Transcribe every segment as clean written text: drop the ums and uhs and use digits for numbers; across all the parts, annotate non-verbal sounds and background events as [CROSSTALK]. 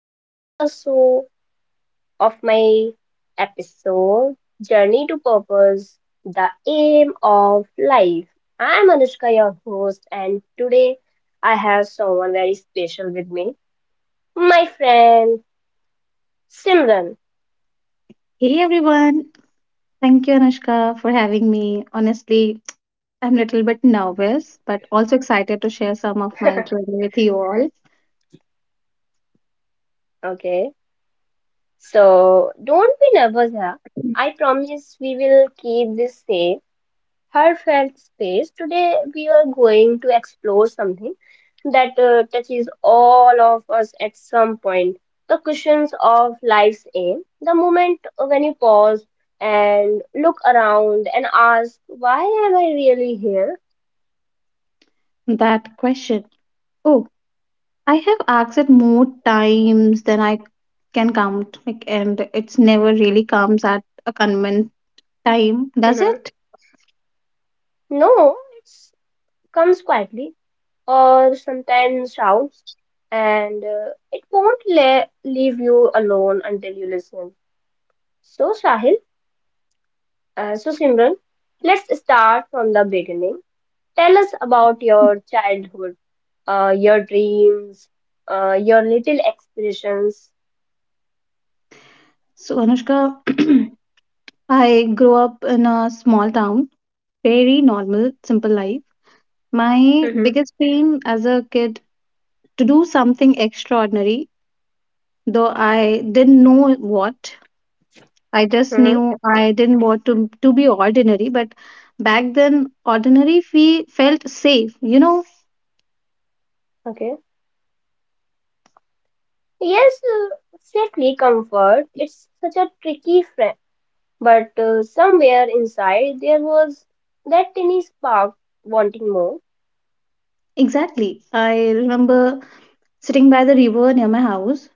Welcome to the show of my episode Journey to Purpose, the aim of life. I'm Anushka, your host, and today I have someone very special with me, my friend Simran. Hey everyone, thank you Anushka for having me. Honestly, I'm a little bit nervous, but also excited to share some of my [LAUGHS] journey with you all. Okay, so don't be nervous, huh? I promise we will keep this safe heartfelt space. Today, we are going to explore something that touches all of us at some point the cushions of life's aim, the moment when you pause and look around and ask, why am I really here? [LAUGHS] That question, oh, I have asked it more times than I can count, and it's never really comes at a convenient time, does Mhm. it? No, it comes quietly or sometimes shouts, and it won't leave you alone until you listen. So, Sahil. So, Simran, let's start from the beginning. Tell us about your childhood, your dreams, your little aspirations. So Anushka, [CLEARS THROAT] I grew up in a small town, very normal, simple life. My Mm-hmm. biggest dream as a kid to do something extraordinary though I didn't know what. I just Mm-hmm. knew I didn't want to be ordinary, but back then ordinary fe felt safe. You know, Okay. Yes, safely comfort. It's such a tricky friend, but somewhere inside there was that tiny spark wanting more. exactly. I remember sitting by the river near my house,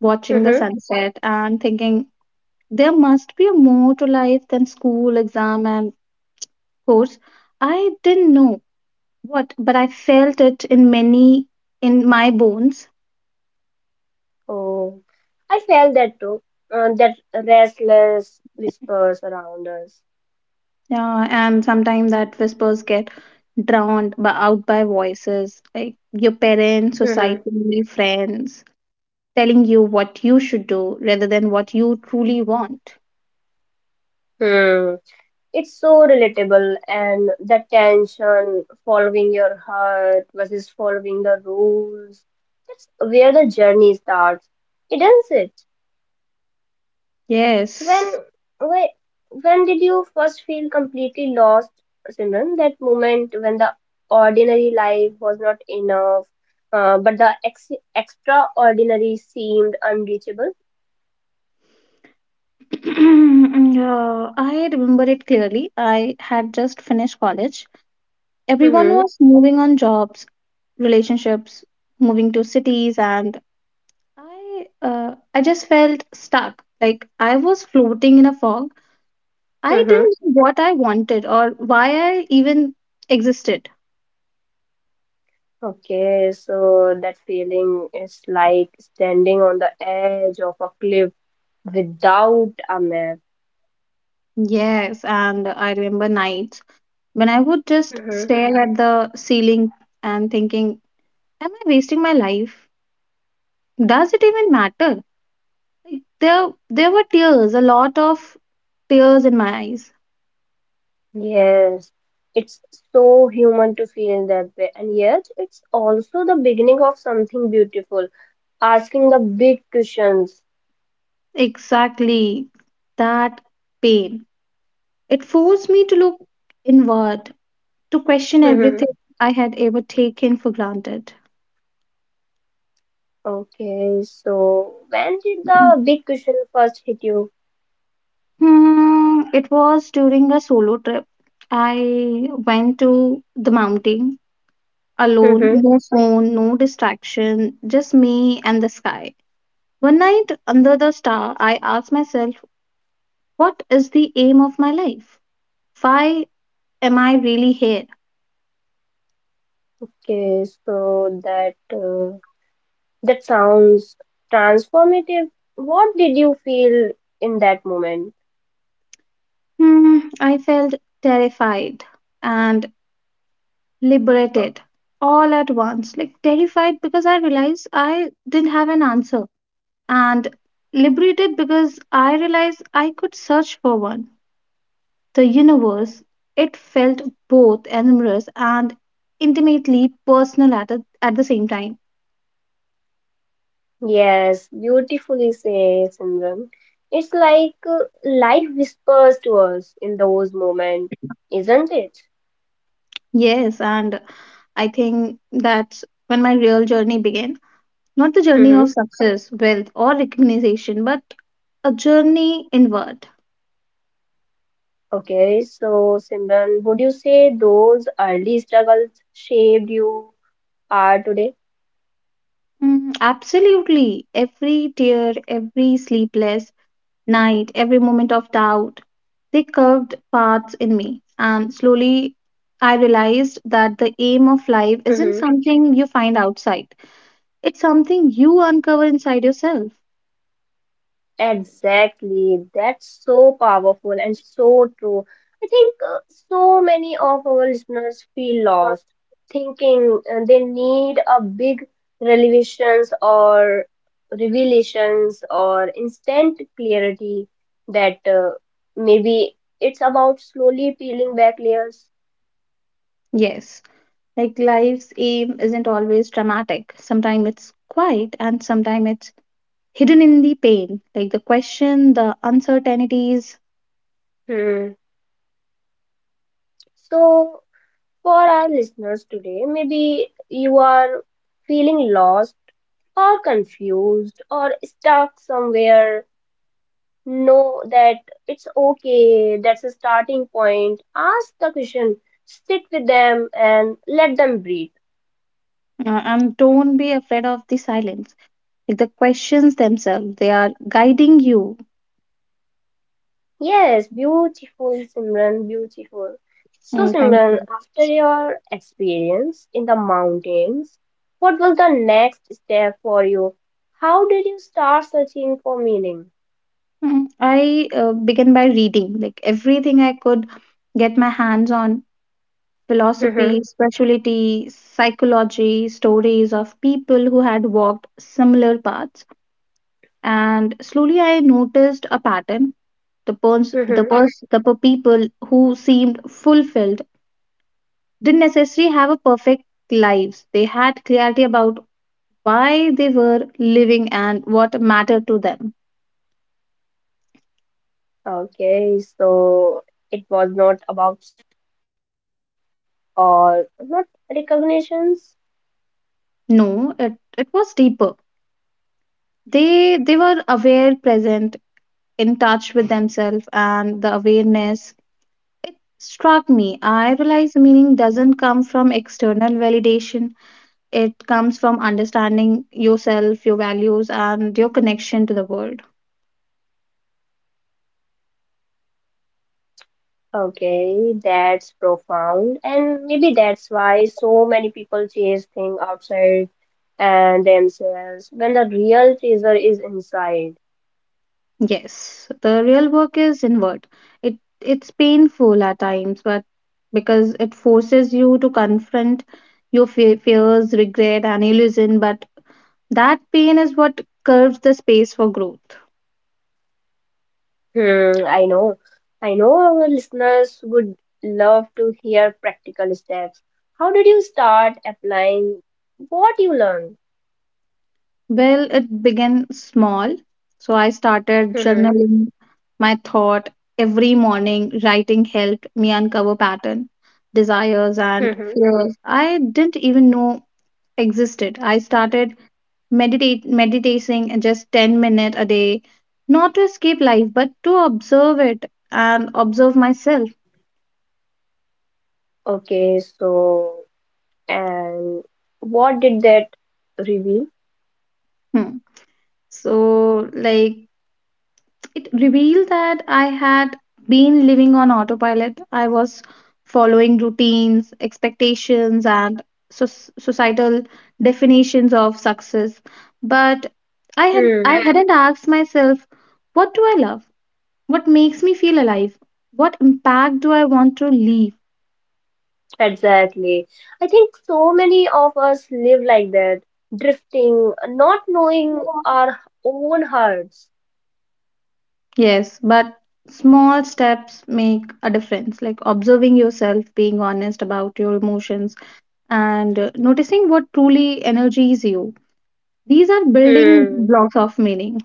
watching the Mm-hmm. sunset and thinking there must be more to life than school, exam and course. I didn't know what, but I felt it in many in my bones. Oh, I felt that too. That restless whispers around us. Yeah, and sometimes that whispers get out by voices like your parents, Mm-hmm. society, friends telling you what you should do rather than what you truly want. It's so relatable, and the tension following your heart versus following the rules. That's where the journey starts. It ends it. When, Yes. when, when did you first feel completely lost, Simran? That moment when the ordinary life was not enough, but the extraordinary seemed unreachable. [CLEARS THROAT] Yeah, I remember it clearly. I had just finished college. Everyone Mm-hmm. was moving on jobs, relationships, moving to cities, and I just felt stuck. Like I was floating in a fog. I Mm-hmm. didn't know what I wanted or why I even existed. Okay, so that feeling is like standing on the edge of a cliff without a map. Yes, and I remember nights when I would just Hmm. stare at the ceiling and thinking, am I wasting my life? Does it even matter? There were tears, a lot of tears in my eyes. Yes, it's so human to feel that way, and yet it's also the beginning of something beautiful, asking the big questions. Exactly that pain. It forced me to look inward, to question Hmm. everything I had ever taken for granted. Okay, so when did the big question first hit you? Hmm, it was during a solo trip. I went to the mountain alone, Hmm. no phone, no distraction, just me and the sky. One night under the star, I asked myself, what is the aim of my life? Why am I really here? Okay, so that. That sounds transformative. What did you feel in that moment? Hmm, I felt terrified and liberated all at once. Like terrified because I realized I didn't have an answer, and liberated because I realized I could search for one. The universe, it felt both enormous and intimately personal at the same time. Yes, beautifully said, Simran. It's like life whispers to us in those moments, isn't it? Yes, and I think that's when my real journey began. Not the journey of Hmm. success, wealth, or recognition, but a journey inward. Okay, so Simran, would you say those early struggles shaped you are today? Mm, absolutely. Every tear, every sleepless night, every moment of doubt. They curved paths in me, and slowly I realized that the aim of life isn't Hmm. something you find outside, it's something you uncover inside yourself. Exactly. That's so powerful and so true. I think so many of our listeners feel lost, thinking they need a big revelations or revelations or instant clarity that maybe it's about slowly peeling back layers. Yes, like life's aim isn't always dramatic. Sometimes it's quiet and sometimes it's hidden in the pain, like the question, the uncertainties. Hmm. So, for our listeners today, maybe you are feeling lost are confused or stuck somewhere, know that it's okay, that's a starting point. Ask the question, sit with them, and let them breathe. And don't be afraid of the silence. Like the questions themselves, they are guiding you. Yes, beautiful, Simran, beautiful. So, Mm, thank Simran, you. after your experience in the mountains, what was the next step for you? How did you start searching for meaning? I began by reading, like everything I could get my hands on: [LAUGHS] Okay, philosophy, spirituality, psychology, stories of people who had walked similar paths. And slowly I noticed a pattern. The people who seemed fulfilled didn't necessarily have a perfect lives. They had clarity about why they were living and what mattered to them. so it was not. No, it was deeper. They were aware, present, in touch with themselves and the awareness, it struck me. I realized meaning doesn't come from external validation, it comes from understanding yourself, your values, and your connection to the world. Okay, that's profound, and maybe that's why so many people chase things outside and themselves when the real treasure is inside. Yes, the real work is inward. It's painful at times, but because it forces you to confront your fears, regret, and illusion. But that pain is what curves the space for growth. Hmm, I know our listeners would love to hear practical steps. How did you start applying what you learned? Well, it began small. So I started Hmm. journaling my thought every morning. Writing helped me uncover pattern, desires and Hmm. fears I didn't even know existed. I started meditate meditating just 10 minutes a day, not to escape life, but to observe it and observe myself. Okay, so and what did that reveal? Hmm. So, it revealed that I had been living on autopilot. I was following routines, expectations, and societal definitions of success. But I Hmm. hadn't asked myself, what do I love? What makes me feel alive? What impact do I want to leave? Exactly. I think so many of us live like that, drifting, not knowing our own hearts. Yes, but small steps make a difference, like observing yourself, being honest about your emotions, and noticing what truly energizes you. These are building Hmm. blocks of meaning.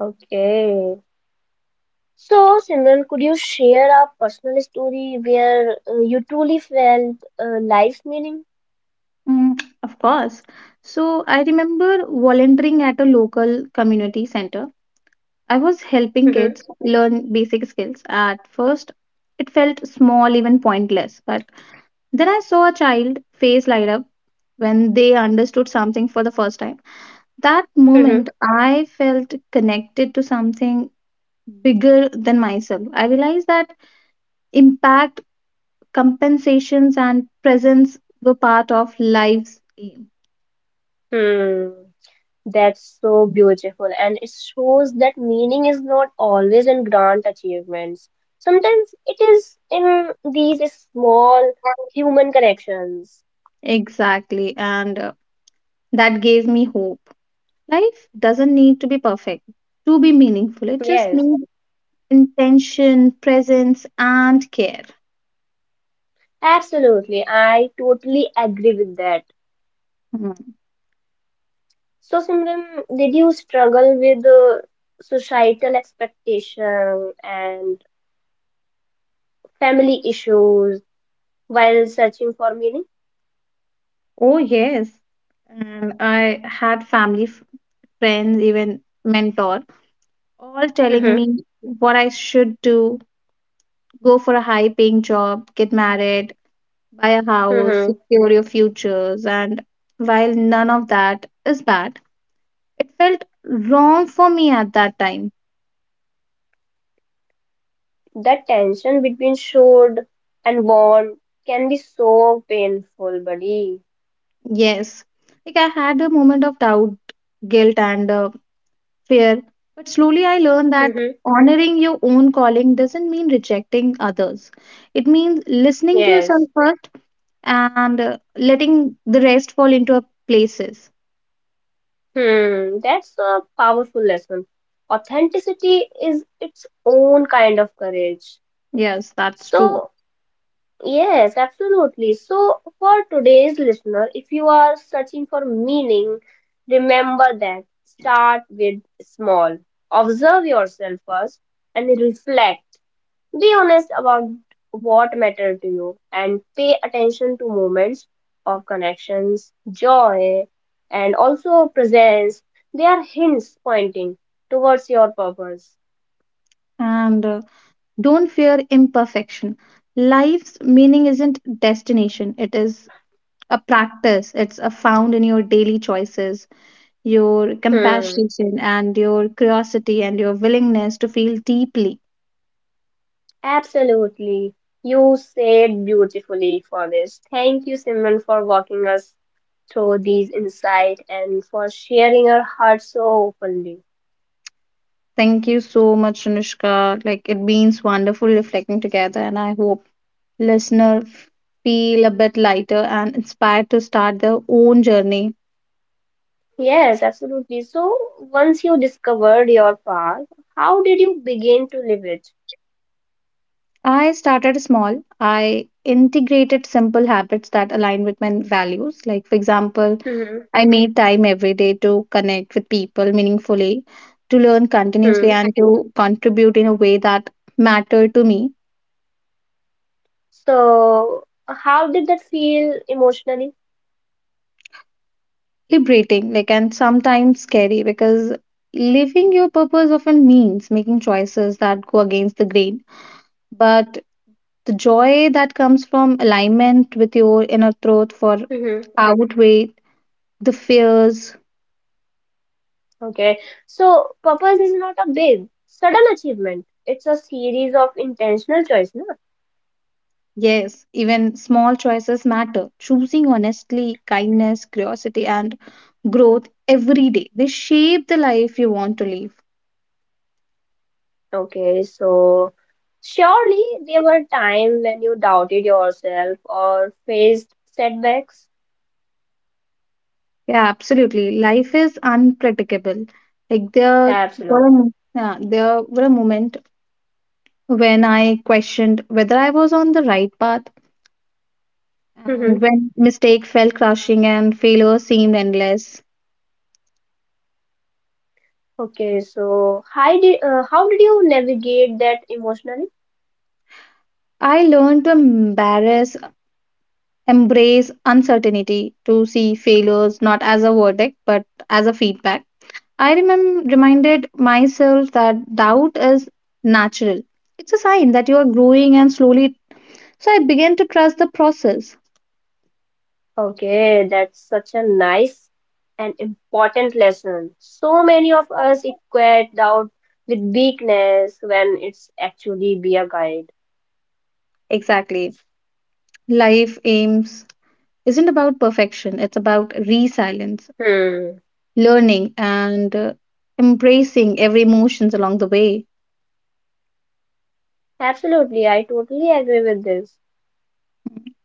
Okay. So, Simran, could you share a personal story where you truly felt life's meaning? Mm, of course. So I remember volunteering at a local community center. I was helping Hmm. kids learn basic skills. At first, it felt small, even pointless, but then I saw a child face light up when they understood something for the first time. That moment, I felt connected to something bigger than myself. I realized that impact, compensations, and presence were part of life's aim. Hmm. That's so beautiful, and it shows that meaning is not always in grand achievements. Sometimes it is in these small human connections. Exactly. And That gave me hope. Life doesn't need to be perfect to be meaningful, it just Yes, needs intention, presence, and care. absolutely. I totally agree with that. Hmm. So, Simran, did you struggle with societal expectation and family issues while searching for meaning? Oh, yes. And I had family, friends, even mentor, all telling me what I should do: go for a high paying job, get married, buy a house, [LAUGHS] secure your futures, and while none of that is bad, it felt wrong for me at that time. The tension between should and want can be so painful, buddy. Yes, like I had a moment of doubt, guilt, and fear, but slowly I learned that Hmm. honoring your own calling doesn't mean rejecting others. It means listening to yourself Yes. first and letting the rest fall into a places. Hmm. That's a powerful lesson. Authenticity is its own kind of courage. Yes, that's true. So, yes, absolutely. So, for today's listener, if you are searching for meaning, remember that start with small. Observe yourself first and reflect. Be honest about what matter to you and pay attention to moments of connections, joy, and also presence. They are hints pointing towards your purpose. And Don't fear imperfection. Life's meaning isn't destination, it is a practice. It's a found in your daily choices, your Hmm, compassion, and your curiosity, and your willingness to feel deeply. absolutely. You said beautifully for this. Thank you, Simran, for walking us through these insights and for sharing your heart so openly. Thank you so much, Anushka. Like it means wonderful reflecting together, and I hope listener feel a bit lighter and inspired to start their own journey. Yes, absolutely. So, once you discovered your path, how did you begin to live it? I started small. I integrated simple habits that align with my values. Like, for example, Hmm. I made time every day to connect with people meaningfully, to learn continuously, Hmm. and to contribute in a way that mattered to me. So, how did that feel emotionally? Liberating, like, and sometimes scary because living your purpose often means making choices that go against the grain. But the joy that comes from alignment with your inner truth for Hmm. outweigh the fears. Okay. So, purpose is not a big, sudden achievement. It's a series of intentional choice, no? Yes, even small choices matter. Choosing honestly, kindness, curiosity, and growth every day. They shape the life you want to live. Okay. So, surely there were times when you doubted yourself or faced setbacks. Yeah, absolutely. Life is unpredictable. Like there Absolutely. were a, mo- Yeah, there were a moment when I questioned whether I was on the right path, and Hmm. when mistake fell crushing and failure seemed endless. Okay. So, how did you navigate that emotionally? I learned to embrace uncertainty, to see failures not as a verdict but as a feedback. Reminded myself that doubt is natural. It's a sign that you are growing, and slowly, so I began to trust the process. Okay, that's such a nice and important lesson. So many of us equate doubt with weakness when it's actually be a guide. Exactly. Life aims isn't about perfection, it's about resilience, Hmm. learning, and embracing every emotions along the way. Absolutely, I totally agree with this. Hmm.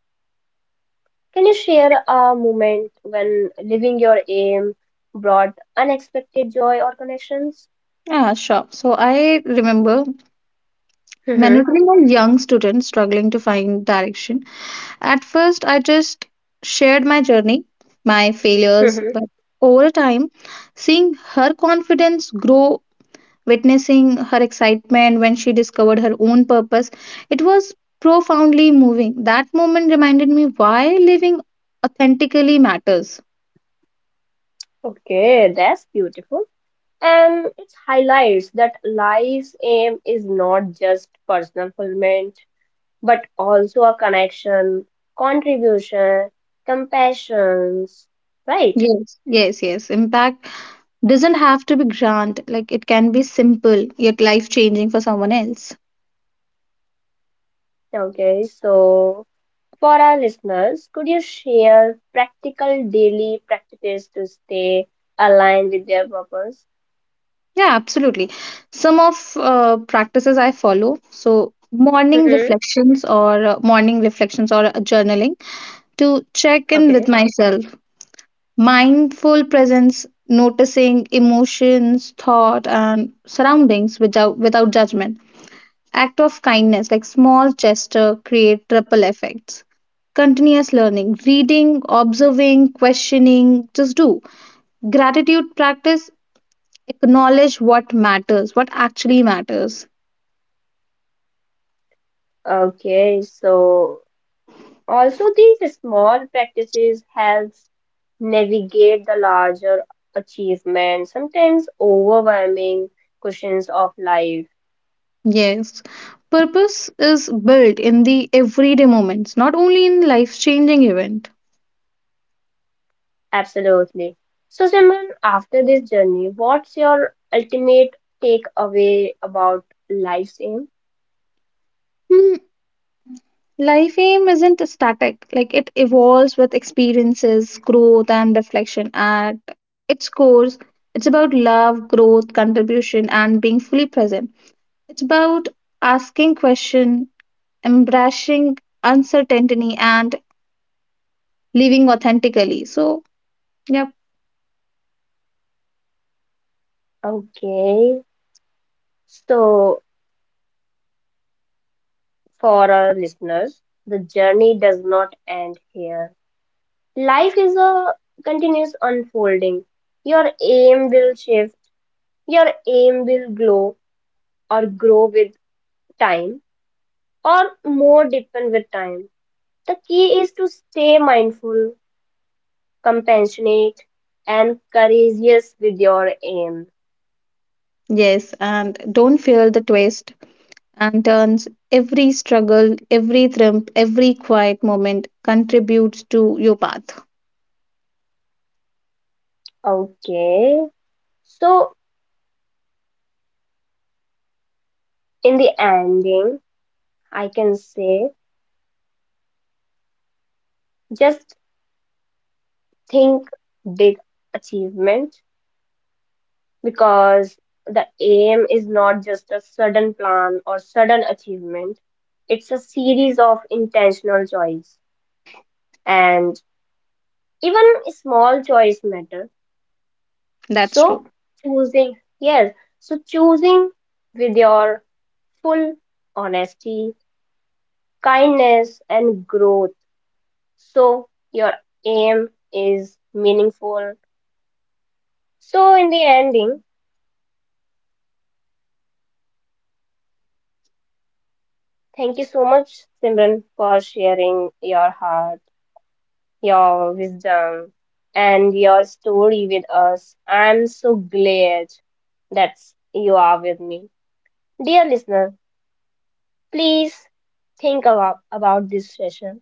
Can you share a moment when living your aim brought unexpected joy or connections? Yeah, sure. So I remember Hmm. mentoring a young student struggling to find direction. At first, I just shared my journey, my failures, but Hmm. over time, seeing her confidence grow, witnessing her excitement when she discovered her own purpose, it was profoundly moving. That moment reminded me why living authentically matters. Okay, that's beautiful. And it highlights that life's aim is not just personal fulfillment but also a connection, contribution, compassions, right? Yes, yes, yes. Impact doesn't have to be grand, like it can be simple yet life changing for someone else. Okay, so for our listeners, could you share practical daily practices to stay aligned with their purpose? Yeah, absolutely. Some of practices I follow, so Mm-hmm. Morning reflections or journaling to check in with Okay. myself, mindful presence, noticing emotions, thought, and surroundings without judgment. Act of kindness, like small gesture, create ripple effects. Continuous learning, reading, observing, questioning, just do. Gratitude practice, acknowledge what matters, what actually matters. Okay, so also these small practices helps navigate the larger achievements, sometimes overwhelming questions of life. Yes, purpose is built in the everyday moments, not only in life-changing event. Absolutely. So, Simran, after this journey, what's your ultimate takeaway about life's aim? Hmm, life aim isn't static, like it evolves with experiences, growth, and reflection. At its core, it's about love, growth, contribution, and being fully present. It's about asking question, embracing uncertainty, and living authentically. So, yeah. Okay. So, for our listeners, the journey does not end here. Life is a continuous unfolding. Your aim will shift, your aim will glow or grow with time, or more deepen with time. The key is to stay mindful, compassionate, and courageous with your aim. Yes, and don't fear the twist and turns. Every struggle, every thump, every quiet moment contributes to your path. Okay. So, in the ending, I can say just think big achievement because the aim is not just a sudden plan or sudden achievement, it's a series of intentional choice and even small choice matter. That's true. So choosing, yes, so choosing with your full honesty, kindness, and growth. So your aim is meaningful. So in the ending, thank you so much, Simran, for sharing your heart, your wisdom, and your story with us. I'm so glad that you are with me. Dear listener, please think about this session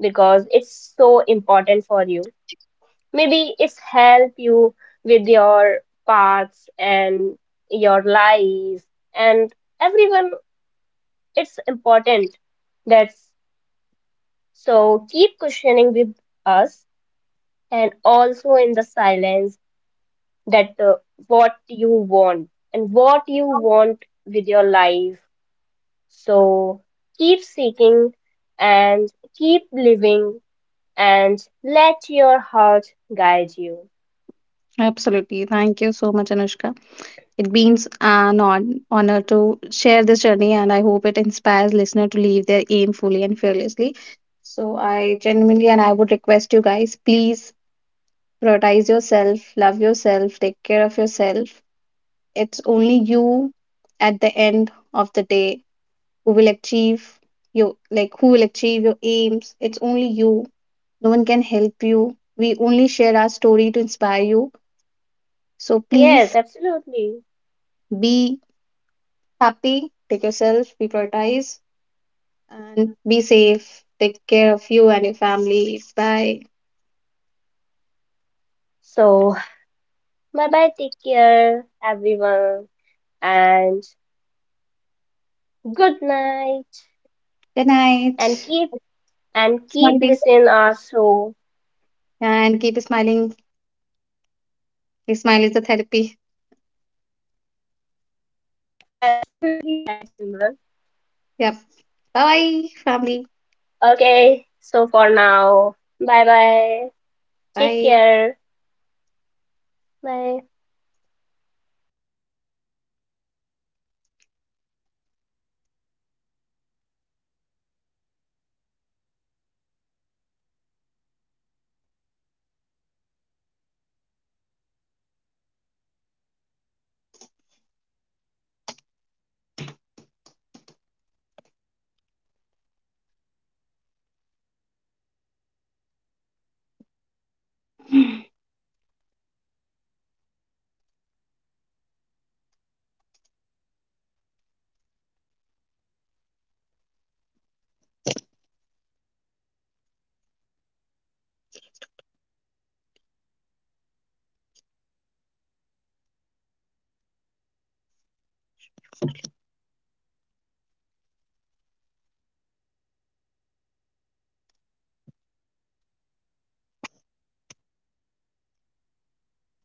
because it's so important for you, maybe it's help you with your paths and your life, and everyone it's important that's so keep questioning with us and also in the silence that what you want and what you want with your life, so keep seeking and keep living and let your heart guide you. Absolutely. Thank you so much, Anushka. It means an honor to share this journey, and I hope it inspires listener to leave their aim fully and fearlessly. So I genuinely and I would request you guys, please prioritize yourself, love yourself, take care of yourself. It's only you at the end of the day who will achieve your like who will achieve your aims. It's only you, no one can help you. We only share our story to inspire you, so Yes, please absolutely. be happy, take yourself be prioritized, and be safe. Take care of you and your family. Bye, So, bye bye, take care, everyone, and good night, good and night, keep smiling, listening also. and keep smiling. Your smile is the therapy. Yep. Bye bye, family. Okay, so for now, bye bye, take care, Bye. bye.